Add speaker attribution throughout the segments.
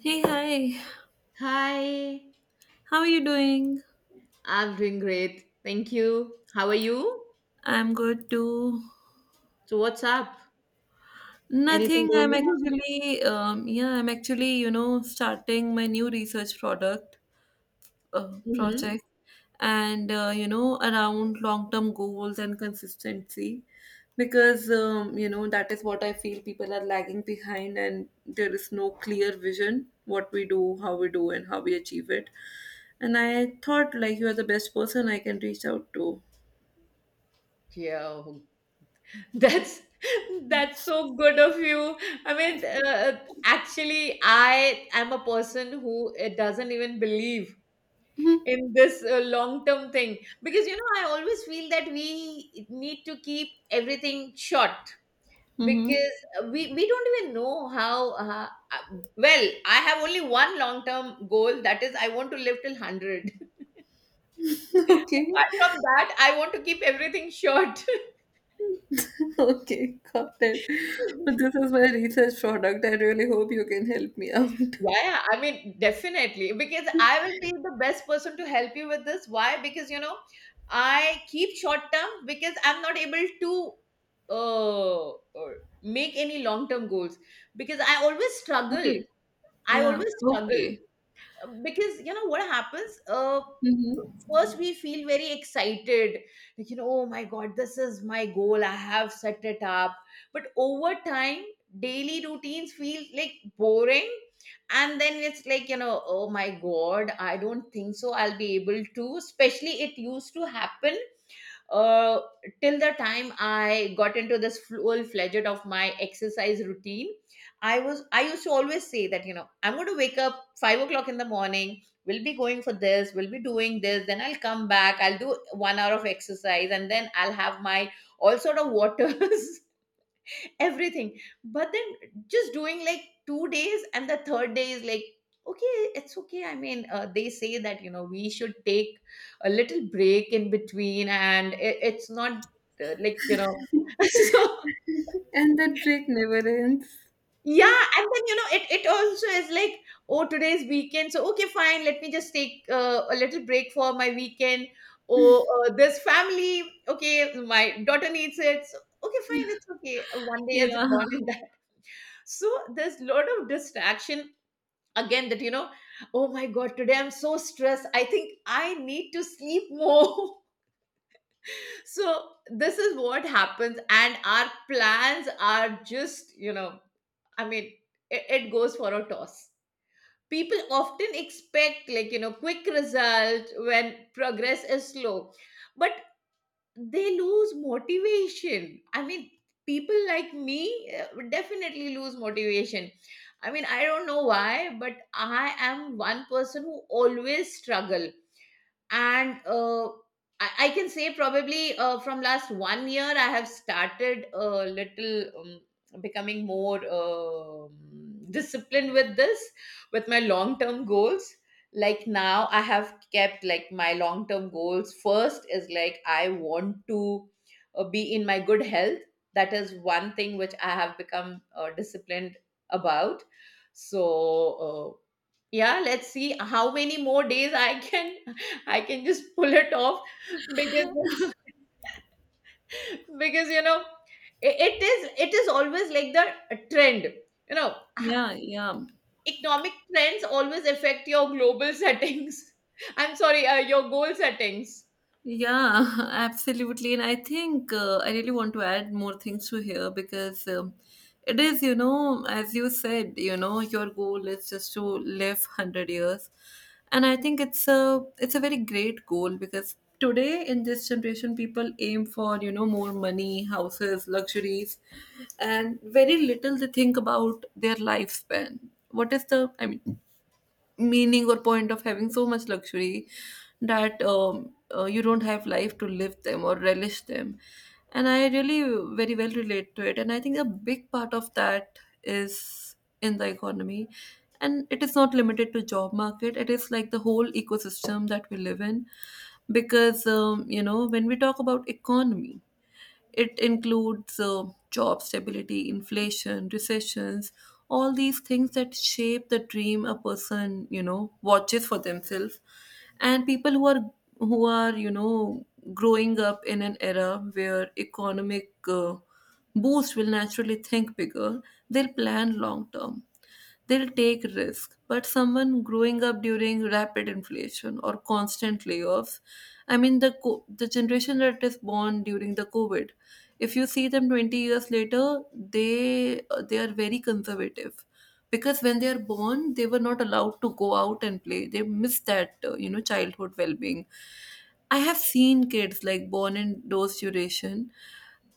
Speaker 1: Hey, hi.
Speaker 2: Hi,
Speaker 1: How are you doing?
Speaker 2: I'm doing great. Thank you. How are you?
Speaker 1: I'm good too.
Speaker 2: So what's up? Anything
Speaker 1: Nothing.
Speaker 2: going
Speaker 1: I'm
Speaker 2: on?
Speaker 1: actually, yeah, I'm actually, starting my new research product, uh,
Speaker 2: Mm-hmm.
Speaker 1: project, and around long-term goals and consistency, because you know that is what I feel people are lagging behind, and there is no clear vision what we do, how we do, and how we achieve it. And I thought, like, you are the best person I can reach out to.
Speaker 2: Yeah, oh, that's that's so good of you. I mean, actually, I am a person who doesn't even believe in this long-term thing because you know I always feel that we need to keep everything short.
Speaker 1: Mm-hmm.
Speaker 2: Because we don't even know how well I have only one long term goal, that is I want to live till 100.
Speaker 1: Okay.
Speaker 2: Apart from that I want to keep everything short.
Speaker 1: Okay, got it.
Speaker 2: Yeah,
Speaker 1: But this is my research product. I really hope you can help me out.
Speaker 2: yeah, I mean definitely, because I will be the best person to help you with this. Why? Because you know I keep short term because I'm not able to uh, uh, make any long term goals, because I always struggle.
Speaker 1: Okay.
Speaker 2: I
Speaker 1: Yeah.
Speaker 2: always struggle.
Speaker 1: Okay.
Speaker 2: Because you know what happens,
Speaker 1: Hmm.
Speaker 2: first we feel very excited, like you know, oh my god, this is my goal, I have set it up. But over time daily routines feel like boring, and then it's like, you know, oh my god, I don't think so I'll be able to. Especially it used to happen uh, till the time I got into this full fledged of my exercise routine. I used to always say that, you know, I'm going to wake up 5 o'clock in the morning, we'll be going for this, we'll be doing this, then I'll come back, I'll do 1 hour of exercise, and then I'll have my all sort of waters, everything. But then just doing like 2 days, and the third day is like okay, it's okay. I mean, they say that, you know, we should take a little break in between, and it's not like, you know. So
Speaker 1: And that break never ends.
Speaker 2: yeah, and then you know it also is like oh today's weekend, so okay fine, let me just take a little break for my weekend. Oh this family, okay my daughter needs it, so okay fine, it's okay, one day has
Speaker 1: Yeah.
Speaker 2: gone in. So there's a lot of distraction, again that you know, oh my god today I'm so stressed, I think I need to sleep more. So this is what happens, and our plans are just, you know, I mean, it goes for a toss. People often expect, like you know, quick result when progress is slow, but they lose motivation. I mean, people like me would definitely lose motivation. I mean, I don't know why, but I am one person who always struggle. And I can say probably from last 1 year I have started a little becoming more disciplined with this, with my long term goals. Like now I have kept like my long term goals, first is like I want to be in my good health. That is one thing which I have become disciplined about. So yeah, let's see how many more days I can I can just pull it off, because because you know it is, it is always like the trend. You know,
Speaker 1: Yeah. Yeah.
Speaker 2: economic trends always affect your global settings. I'm sorry, your goal settings.
Speaker 1: Yeah, absolutely. And I think I really want to add more things to here, because it is, you know, as you said, your goal is just to live 100 years. And I think it's a very great goal, because today in this generation people aim for, more money, houses, luxuries, and very little they think about their lifespan. What is the, I mean, meaning or point of having so much luxury that you don't have life to live them or relish them. And I really very well relate to it, and I think a big part of that is in the economy. And it is not limited to job market, it is like the whole ecosystem that we live in, because you know, when we talk about economy, it includes job stability, inflation, recessions, all these things that shape the dream a person, watches for themselves. And people who are who are, you know, growing up in an era where economic boost will naturally think bigger. They'll plan long term, they'll take risk. But someone growing up during rapid inflation or constant layoffs, I mean, the the generation that is born during the COVID, if you see them 20 years later, they they are very conservative. Because when they are born, they were not allowed to go out and play, they miss that childhood well-being. I have seen kids like born in those duration,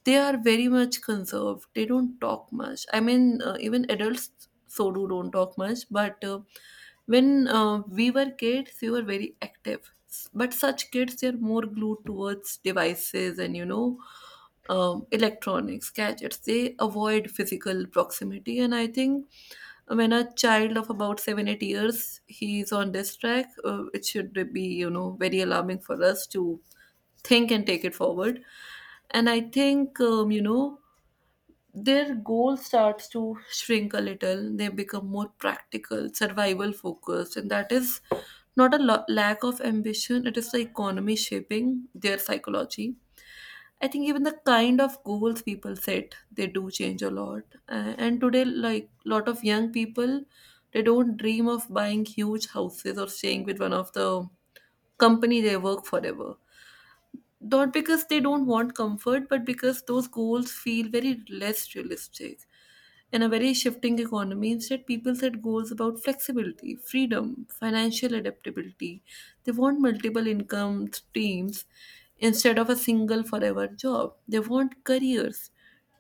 Speaker 1: they are very much conserved, they don't talk much. I mean, even adults so do don't talk much, but when we were kids, we were very active. But such kids, they're more glued towards devices and, electronics, gadgets. They avoid physical proximity. And I think, when a child of about 7, 8 years, he's on this track, it should be, very alarming for us to think and take it forward. And I think, their goal starts to shrink a little. They become more practical, survival focused. And that is not a lack of ambition, it is the economy shaping their psychology. I think even the kind of goals people set, they do change a lot. And today, like, lot of young people, they don't dream of buying huge houses or staying with one of the company they work forever. Not because they don't want comfort, but because those goals feel very less realistic. In a very shifting economy, instead, people set goals about flexibility, freedom, financial adaptability. They want multiple income streams instead of a single forever job. They want careers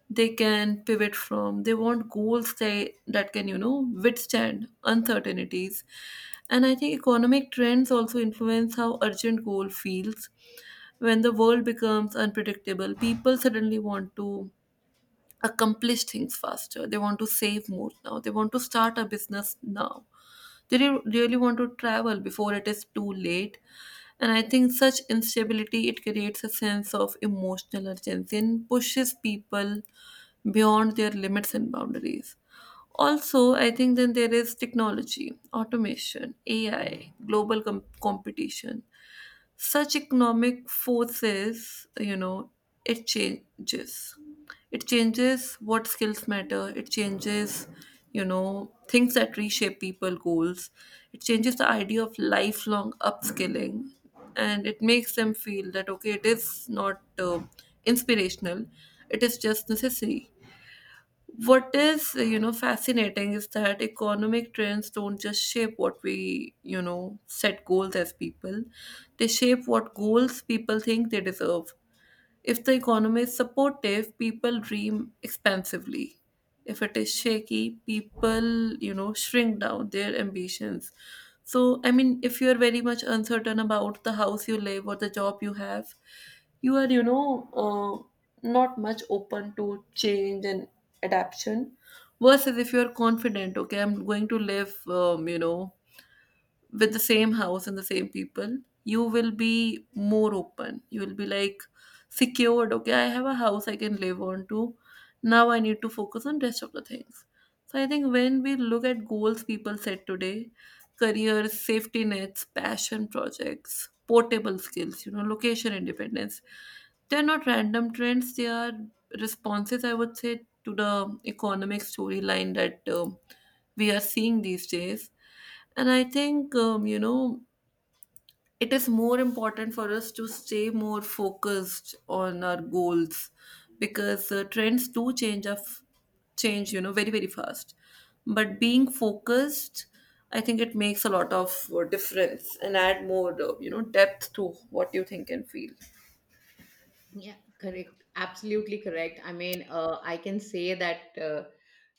Speaker 1: they can pivot from. They want goals that can, withstand uncertainties. And I think economic trends also influence how urgent goal feels. When the world becomes unpredictable, people suddenly want to accomplish things faster. They want to save more now. They want to start a business now. They really want to travel before it is too late. And I think such instability, it creates a sense of emotional urgency and pushes people beyond their limits and boundaries. Also, I think then there is technology, automation, AI, global competition. Such economic forces, it changes it changes what skills matter. It changes, things that reshape people goals. It changes the idea of lifelong upskilling, and it makes them feel that okay, it is not inspirational, it is just necessary. What is, fascinating is that economic trends don't just shape what we, set goals as people, they shape what goals people think they deserve. If the economy is supportive, people dream expansively. If it is shaky, people, shrink down their ambitions. So, I mean, if you are very much uncertain about the house you live or the job you have, you are, not much open to change and adaptation. Versus if you are confident, okay, I'm going to live, with the same house and the same people, you will be more open. You will be like secured. Okay, I have a house I can live on to. Now I need to focus on rest of the things. So I think when we look at goals people set today, careers, safety nets, passion projects, portable skills, location independence, they're not random trends. They are responses, I would say, to the economic storyline that we are seeing these days. And I think, it is more important for us to stay more focused on our goals, because trends do change, very, very fast. But being focused, I think it makes a lot of difference, and add more, depth to what you think and feel.
Speaker 2: Yeah, correct. Absolutely correct. I mean, I can say that,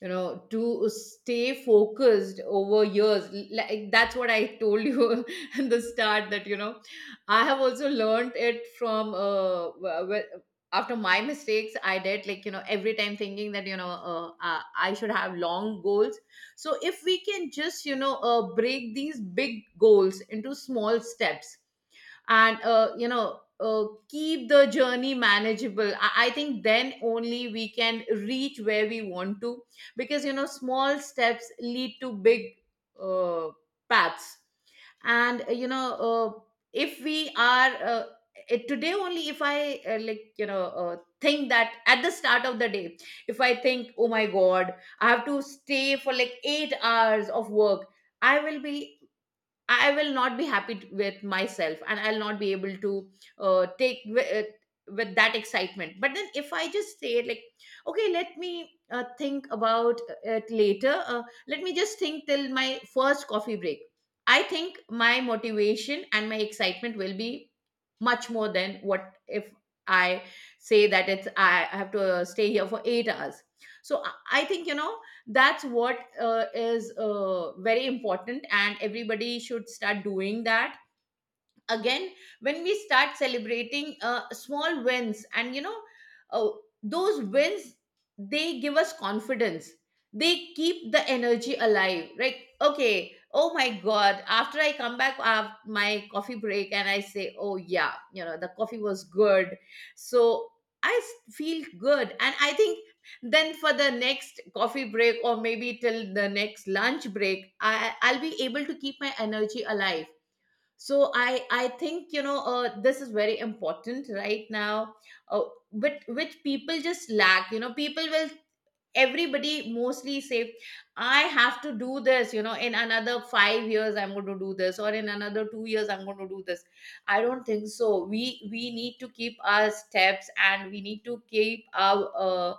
Speaker 2: you know, to stay focused over years, like that's what I told you in the start that, you know, I have also learned it from, after my mistakes. I did like, you know, every time thinking that, you know, I should have long goals. So if we can just, you know, break these big goals into small steps, and you know keep the journey manageable, I think then only we can reach where we want to, because you know small steps lead to big uh, paths. And you know if we are today only if I like you know think that at the start of the day, if I think oh my god I have to stay for like 8 hours of work, i will be I will not be happy with myself, and I'll not be able to take with that excitement. But then, if I just say like, okay, let me think about it later. Let me just think till my first coffee break. I think my motivation and my excitement will be much more than what if I say that it's I have to stay here for 8 hours. So I think, you know, that's what is very important, and everybody should start doing that. Again, when we start celebrating small wins, and you know uh, those wins, they give us confidence, they keep the energy alive. Like, okay oh my god after I come back after my coffee break, and I say oh yeah, you know the coffee was good, so feel good, and I think then for the next coffee break or maybe till the next lunch break I'll be able to keep my energy alive. So I think, you know, this is very important right now, uh, but which people just lack. You know, people will, everybody mostly say I have to do this, you know, in another 5 years I'm going to do this, or in another 2 years I'm going to do this. I don't think so we need to keep our steps, and we need to keep our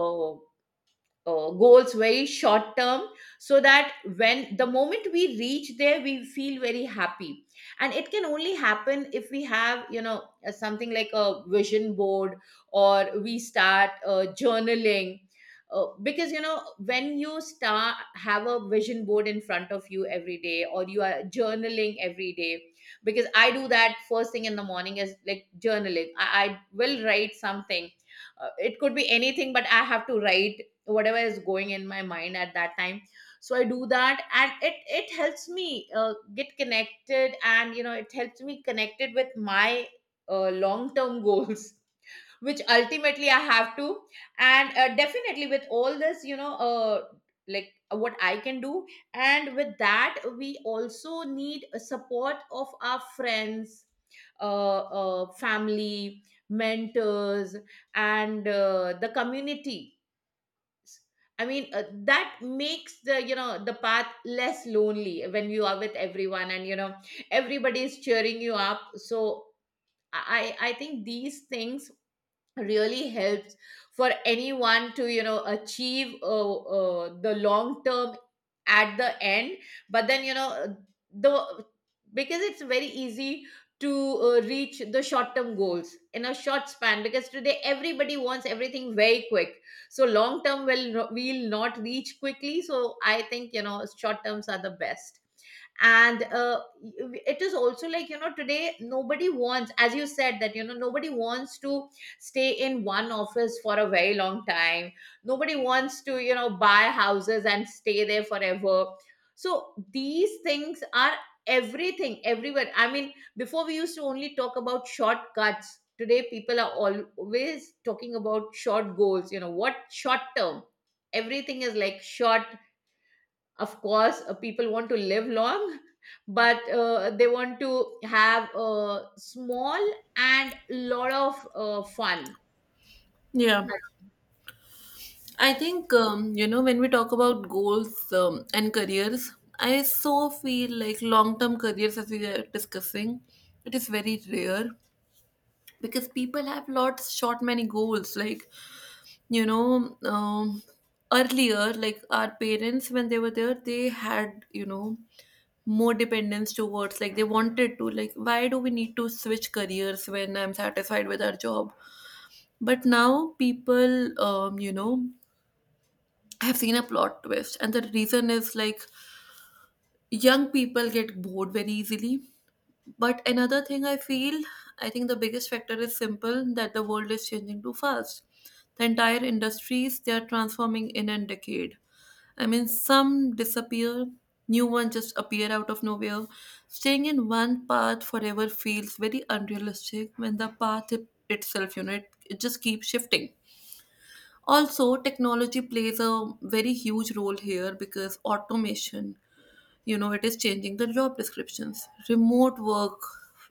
Speaker 2: uh, goals very short term, so that when the moment we reach there, we feel very happy. And it can only happen if we have, you know, something like a vision board, or we start journaling. Because you know when you start have a vision board in front of you every day, or you are journaling every day, because I do that first thing in the morning, is like journaling, I will write something. It could be anything, but I have to write whatever is going in my mind at that time. So I do that, and it helps me get connected, and you know it helps me connected with my long term goals, which ultimately I have to. And definitely with all this, you know, what I can do. And with that we also need a support of our friends, family, mentors, and the community. I mean, that makes the you know the path less lonely when you are with everyone, and you know everybody is cheering you up. So I think these things really helps for anyone to you know achieve the long term at the end. But then you know the because it's very easy to reach the short term goals in a short span, because today everybody wants everything very quick. So long term will will not reach quickly, so I think, you know, short terms are the best. And it is also like, you know, today nobody wants, as you said, that you know nobody wants to stay in one office for a very long time, nobody wants to you know buy houses and stay there forever. So these things are everything everywhere. I mean, before we used to only talk about shortcuts, today people are always talking about short goals. You know what, short term, everything is like short. Of course people want to live long, but they want to have a small and lot of fun.
Speaker 1: Yeah. I think, when we talk about goals and careers, I so feel like long term careers, as we are discussing, it is very rare, because people have lot shot many goals, like, you know um, earlier, like, our parents when they were there, they had, more dependence towards, like, they wanted to, like, why do we need to switch careers when I'm satisfied with our job. But now people, I have seen a plot twist, and the reason is like, young people get bored very easily. But another thing I feel, I think the biggest factor is simple, that the world is changing too fast. The entire industries, they are transforming in a decade. I mean, some disappear, new ones just appear out of nowhere. Staying in one path forever feels very unrealistic when the path itself, you know, it just keeps shifting. Also, technology plays a very huge role here, because automation, it is changing the job descriptions. Remote work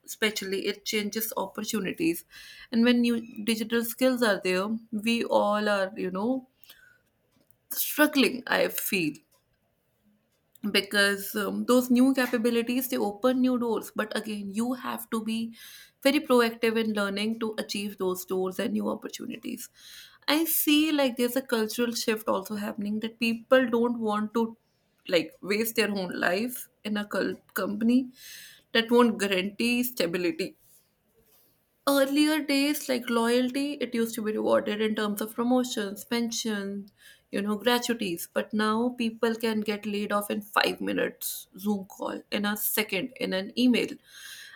Speaker 1: especially, it changes opportunities. And when new digital skills are there, we all are, struggling, I feel. Because those new capabilities, they open new doors, but again you have to be very proactive in learning to achieve those doors and new opportunities. I see, like, there's a cultural shift also happening, that people don't want to, like, waste their own life in a company that won't guarantee stability. Earlier days, like, loyalty, it used to be rewarded in terms of promotions, pension, gratuities. But now people can get laid off in 5 minutes Zoom call, in a second, in an email.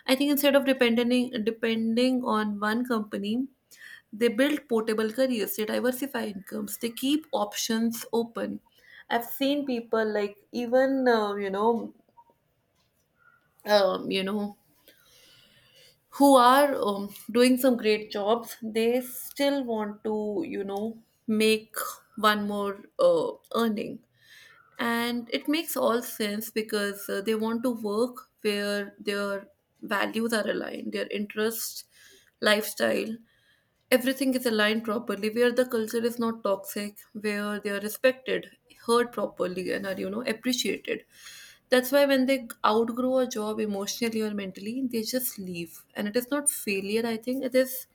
Speaker 1: I think, instead of depending on one company, they build portable careers, they diversify incomes, they keep options open. I've seen people like even, um, you know who are, doing some great jobs, they still want to, make one more earning. And it makes all sense because they want to work where their values are aligned, their interests, lifestyle, everything is aligned properly, where the culture is not toxic, where they are respected, heard properly, and are, appreciated. That's why when they outgrow a job emotionally or mentally, they just leave, and it is not failure. I think it is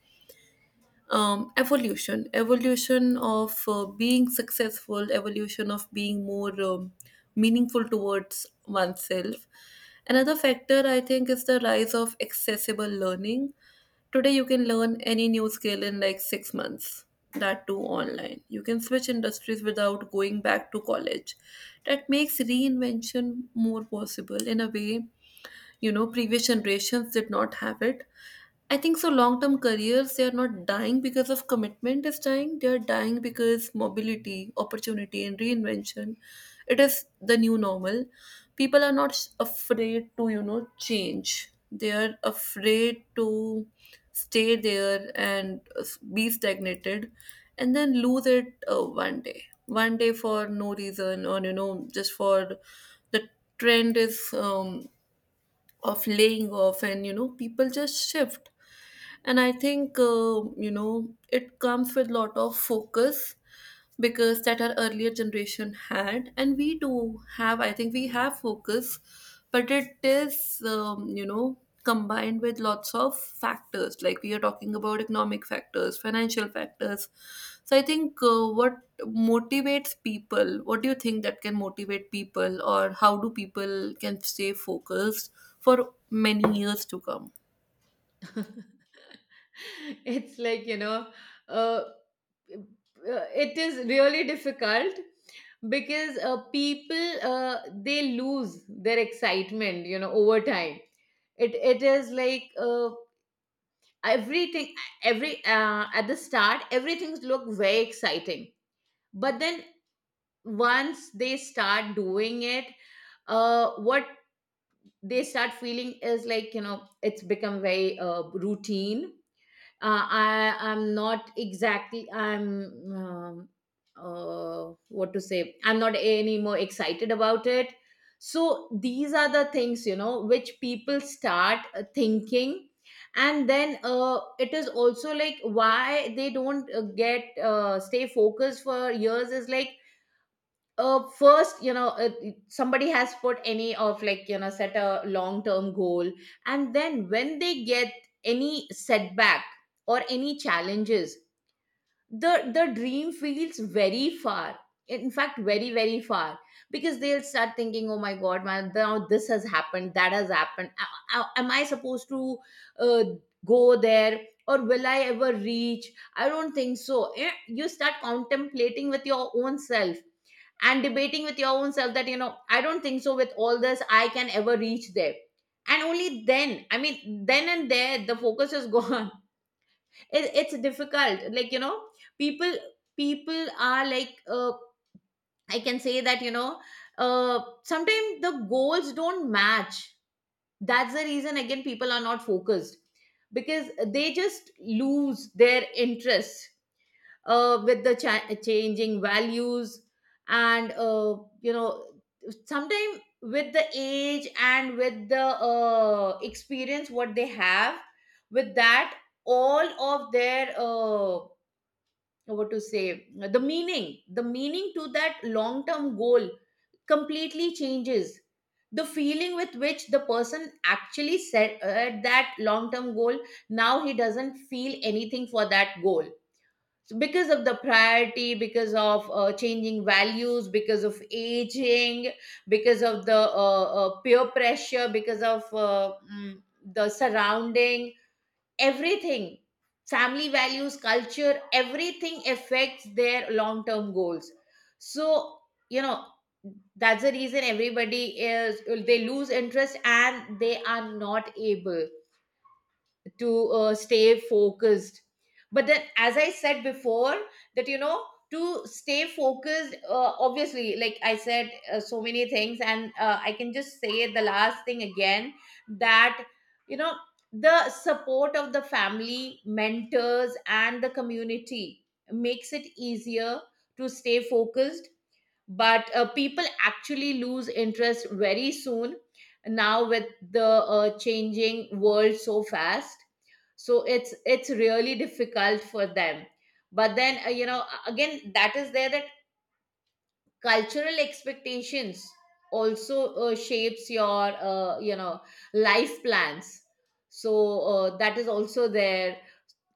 Speaker 1: um, evolution evolution of being successful, evolution of being more, meaningful towards oneself. Another factor I think is the rise of accessible learning. Today, you can learn any new skill in like 6 months, that too online. You can switch industries without going back to college. That makes reinvention more possible in a way, previous generations did not have it. I think so long term careers, they are not dying because of commitment is dying. They are dying because mobility, opportunity and reinvention. It is the new normal. People are not afraid to, change. They are afraid to stay there and be stagnated, and then lose it one day. One day for no reason or just for the trend is of laying off, and people just shift. And I think, it comes with lot of focus because that our earlier generation had, and we do have. I think we have focus, but it is, combined with lots of factors, like we are talking about economic factors, financial factors. So I think, what motivates people, what do you think that can motivate people, or how do people can stay focused for many years to come?
Speaker 2: It's like, you know, uh, uh, it is really difficult, because people they lose their excitement, you know, over time. It is like everything, every at the start everything looks very exciting. But then once they start doing it, what they start feeling is like, you know, it's become very routine. I'm not exactly, I'm um, what to say, I'm not any more excited about it. So these are the things, you know, which people start thinking. And then it is also like why they don't get stay focused for years, is like first, you know, somebody has put any of like you know set a long term goal, and then when they get any setback or any challenges, the dream feels very far, in fact very very far. Because they'll start thinking oh my god man, now this has happened, that has happened. Am I supposed to uh, go there, or will I ever reach? I don't think so. Eh, you start contemplating with your own self, and debating with your own self, that you know I don't think so with all this I can ever reach there. And only then I mean, then and there the focus is gone. It's difficult, like, you know, people people are like I can say that, you know, sometimes the goals don't match. That's the reason again people are not focused, because they just lose their interest with the changing values, and you know, sometimes with the age and with the experience what they have. With that, all of their what to say, the meaning to that long term goal completely changes. The feeling with which the person actually set that long term goal, now he doesn't feel anything for that goal. So because of the priority, because of changing values, because of aging, because of the peer pressure, because of the surrounding, everything. Family values, culture, everything affects their long term goals. So, you know, that's the reason everybody is, they lose interest and they are not able to stay focused. But then, as I said before, that, you know, to stay focused, obviously, like I said, so many things, and I can just say the last thing again, that, you know, the support of the family, mentors and the community makes it easier to stay focused. But people actually lose interest very soon now with the changing world so fast. So it's really difficult for them. But then you know, again that is there, that cultural expectations also shapes your you know, life plans. So that is also there.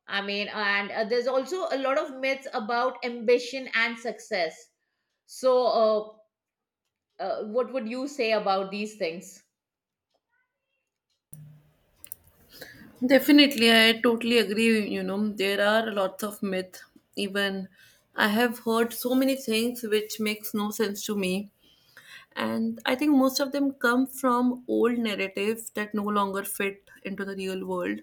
Speaker 2: I mean, and there's also a lot of myths about ambition and success. So what would you say about these things?
Speaker 1: Definitely, I totally agree. You know, there are lots of myth. Even I have heard so many things which makes no sense to me, and I think most of them come from old narratives that no longer fit into the real world.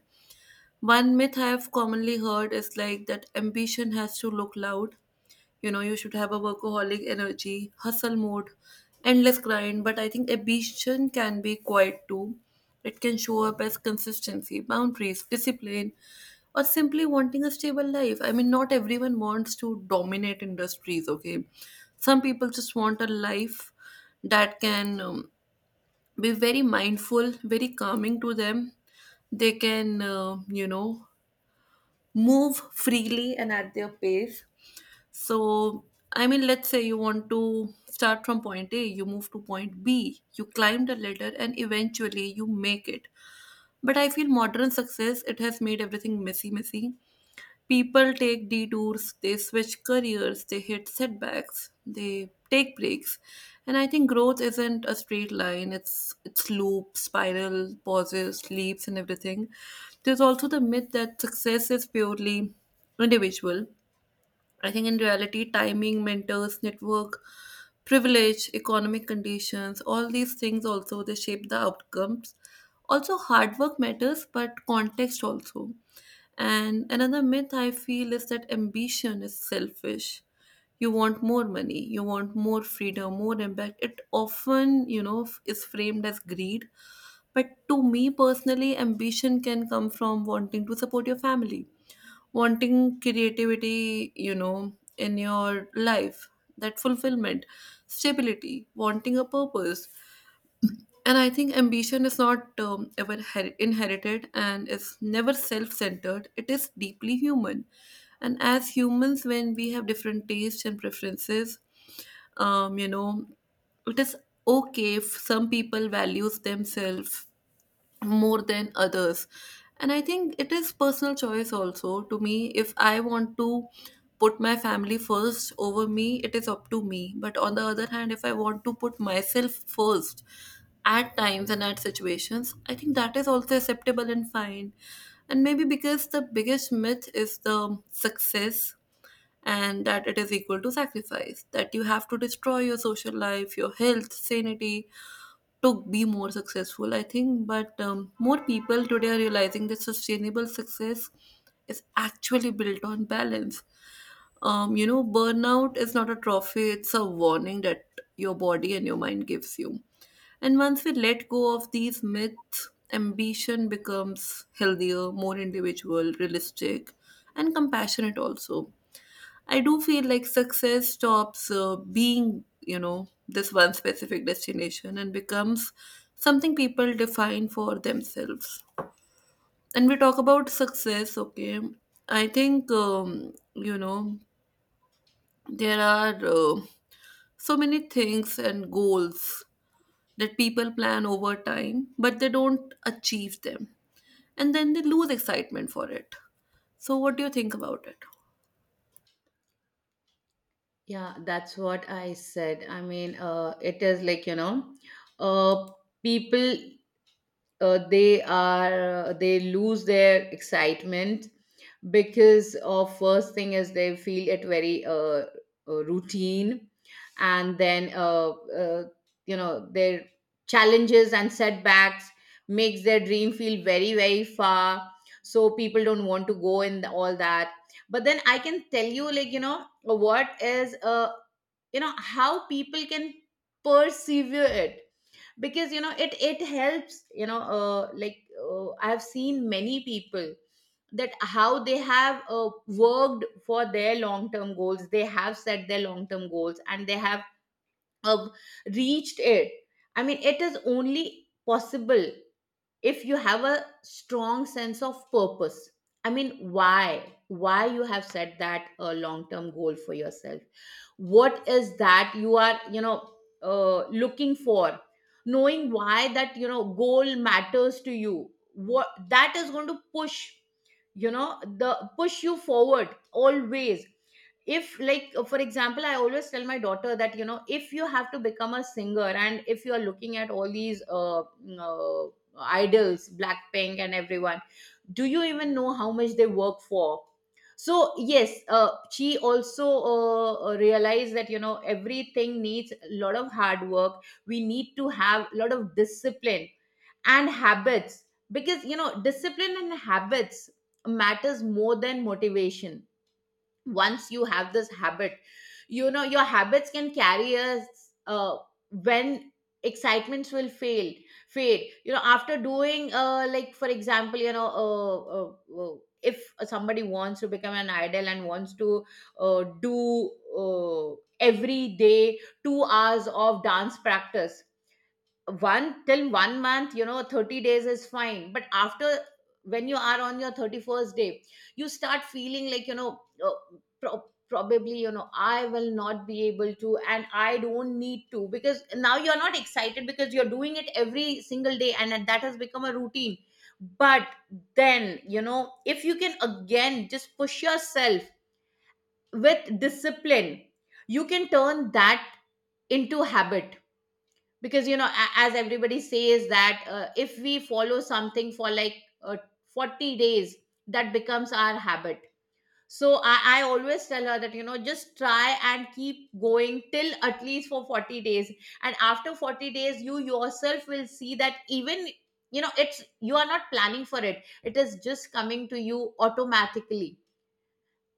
Speaker 1: One myth I have commonly heard is like that ambition has to look loud. You know, you should have a workaholic energy, hustle mode, endless grind. But I think ambition can be quiet too. It can show up as consistency, boundaries, discipline, or simply wanting a stable life. I mean, not everyone wants to dominate industries, okay? Some people just want a life that can be very mindful, very calming to them. They can, move freely and at their pace. So, I mean, let's say you want to start from point A, you move to point B, you climb the ladder, and eventually you make it. But I feel modern success, it has made everything messy, messy. People take detours, they switch careers, they hit setbacks, they take breaks. And I think growth isn't a straight line. It's loop, spiral, pauses, leaps and everything. There's also the myth that success is purely individual. I think in reality, timing, mentors, network, privilege, economic conditions, all these things also they shape the outcomes. Also, hard work matters, but context also. And another myth I feel is that ambition is selfish. You want more money, you want more freedom, more impact. It often, you know, is framed as greed. But to me personally, ambition can come from wanting to support your family, wanting creativity, you know, in your life, that fulfillment, stability, wanting a purpose. And I think ambition is not ever inherited and is never self centered. It is deeply human. And as humans, when we have different tastes and preferences, um, you know, it is okay if some people values themselves more than others. And I think it is personal choice also. To me, if I want to put my family first over me, it is up to me. But on the other hand, if I want to put myself first at times and at situations, I think that is also acceptable and fine. And maybe because the biggest myth is the success, and that it is equal to sacrifice, that you have to destroy your social life, your health, sanity, to be more successful, I think. But more people today are realizing that sustainable success is actually built on balance. You know, burnout is not a trophy, it's a warning that your body and your mind gives you. And once we let go of these myths, ambition becomes healthier, more individual, realistic, and compassionate also. I do feel like success stops being, you know, this one specific destination and becomes something people define for themselves. And we talk about success, okay? I think, there are so many things and goals that people plan over time, but they don't achieve them. And then they lose excitement for it. So, what do you think about it?
Speaker 2: Yeah, that's what I said. I mean, it is like, you know, uh, people they are they lose their excitement because of, first thing is, they feel it very routine. And then you know, their challenges and setbacks makes their dream feel very very far. So people don't want to go in all that. But then I can tell you, like, you know, what is uh, you know, how people can persevere it. Because, you know, it helps, you know, like I've seen many people, that how they have worked for their long term goals. They have set their long term goals and they have uh, reached it. I mean, it is only possible if you have a strong sense of purpose. I mean, why you have set that a long term goal for yourself, what is that you are, you know, looking for. Knowing why that, you know, goal matters to you, what that is going to push, you know, the push you forward always. If like for example, I always tell my daughter that, you know, if you have to become a singer and if you are looking at all these idols, Blackpink and everyone, do you even know how much they work for? So, yes, she also realized that, you know, everything needs a lot of hard work. We need to have a lot of discipline and habits. Because, you know, discipline and habits matters more than motivation. Once you have this habit, you know, your habits can carry us when excitements will fail fade, you know, after doing like for example, you know, if somebody wants to become an idol and wants to do every day 2 hours of dance practice, one till 1 month, you know, 30 days is fine. But after, when you are on your 31st day, you start feeling like, you know, probably, you know, I will not be able to, and I don't need to, because now you're not excited, because you're doing it every single day and that has become a routine. But then, you know, if you can again just push yourself with discipline, you can turn that into habit. Because, you know, as everybody says, that if we follow something for like 40 days, that becomes our habit. So I always tell her that, you know, just try and keep going till at least for 40 days. And after 40 days, you yourself will see that, even, you know, it's, you are not planning for it, it is just coming to you automatically.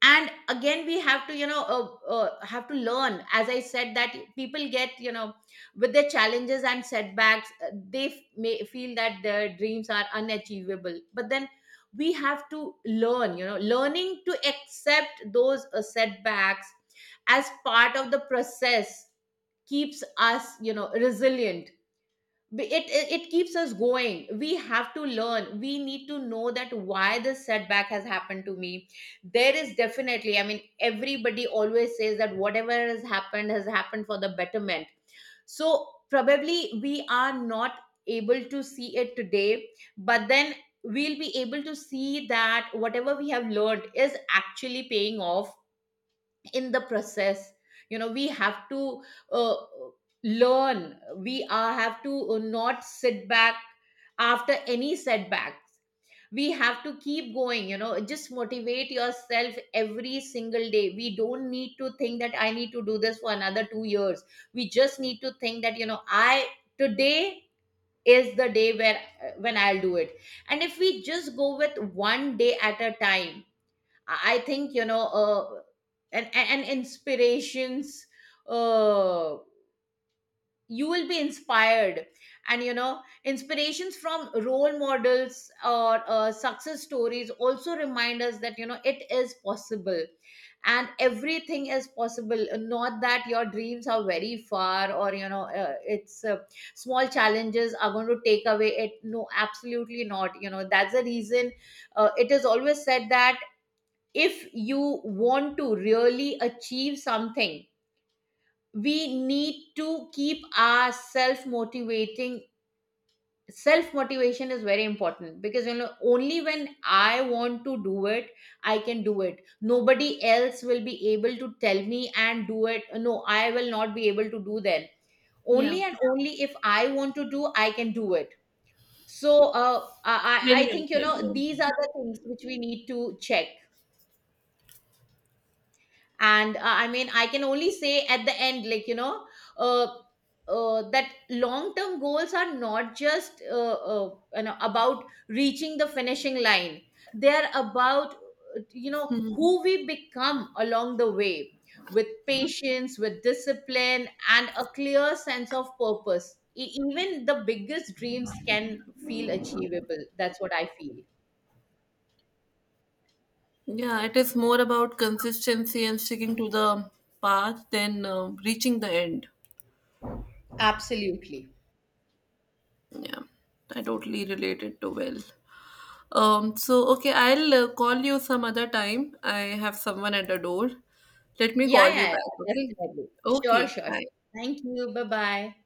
Speaker 2: And again, we have to, you know, have to learn, as I said, that people get, you know, with their challenges and setbacks, they may feel that their dreams are unachievable. But then we have to learn, you know, learning to accept those setbacks as part of the process, keeps us, you know, resilient. It keeps us going. We have to learn, we need to know that why this setback has happened to me. There is definitely, I mean, everybody always says that whatever has happened for the betterment. So probably we are not able to see it today, but then we'll be able to see that whatever we have learned is actually paying off in the process. You know, we have to uh, learn, have to not sit back after any setback. We have to keep going, you know, just motivate yourself every single day. We don't need to think that I need to do this for another 2 years. We just need to think that, you know, I, today is the day where when I'll do it. And if we just go with 1 day at a time, I think, you know, and inspirations. Uh, you will be inspired. And, you know, inspirations from role models or success stories also remind us that, you know, it is possible, and everything is possible. Not that your dreams are very far, or, you know, it's small challenges are going to take away it. No, absolutely not. You know, that's the reason. It is always said that if you want to really achieve something, we need to keep our self motivating. Self motivation is very important, because, you know, only when I want to do it, I can do it. Nobody else will be able to tell me and do it. No, I will not be able to do that.
Speaker 1: Yeah,
Speaker 2: Only and only if I want to do, I can do it. So
Speaker 1: very
Speaker 2: I
Speaker 1: well
Speaker 2: think, you
Speaker 1: said.
Speaker 2: know,
Speaker 1: Yeah.
Speaker 2: these are the things which we need to check. And I mean, I can only say at the end, like, you know, uh, that long term goals are not just you know, about reaching the finishing line. They're about you know,
Speaker 1: Hmm.
Speaker 2: who we become along the way. With patience, with discipline and a clear sense of purpose, even the biggest dreams can feel achievable. That's what I feel.
Speaker 1: Yeah, it is more about consistency and sticking to the path than reaching the end.
Speaker 2: Absolutely.
Speaker 1: Yeah, I totally relate it to well. So okay, I'll call you some other time. I have someone at the door. Let me
Speaker 2: Yeah,
Speaker 1: call you
Speaker 2: yeah,
Speaker 1: back,
Speaker 2: yeah,
Speaker 1: okay?
Speaker 2: definitely. Sure,
Speaker 1: Okay,
Speaker 2: sure, sure.
Speaker 1: bye.
Speaker 2: Thank you. Bye bye.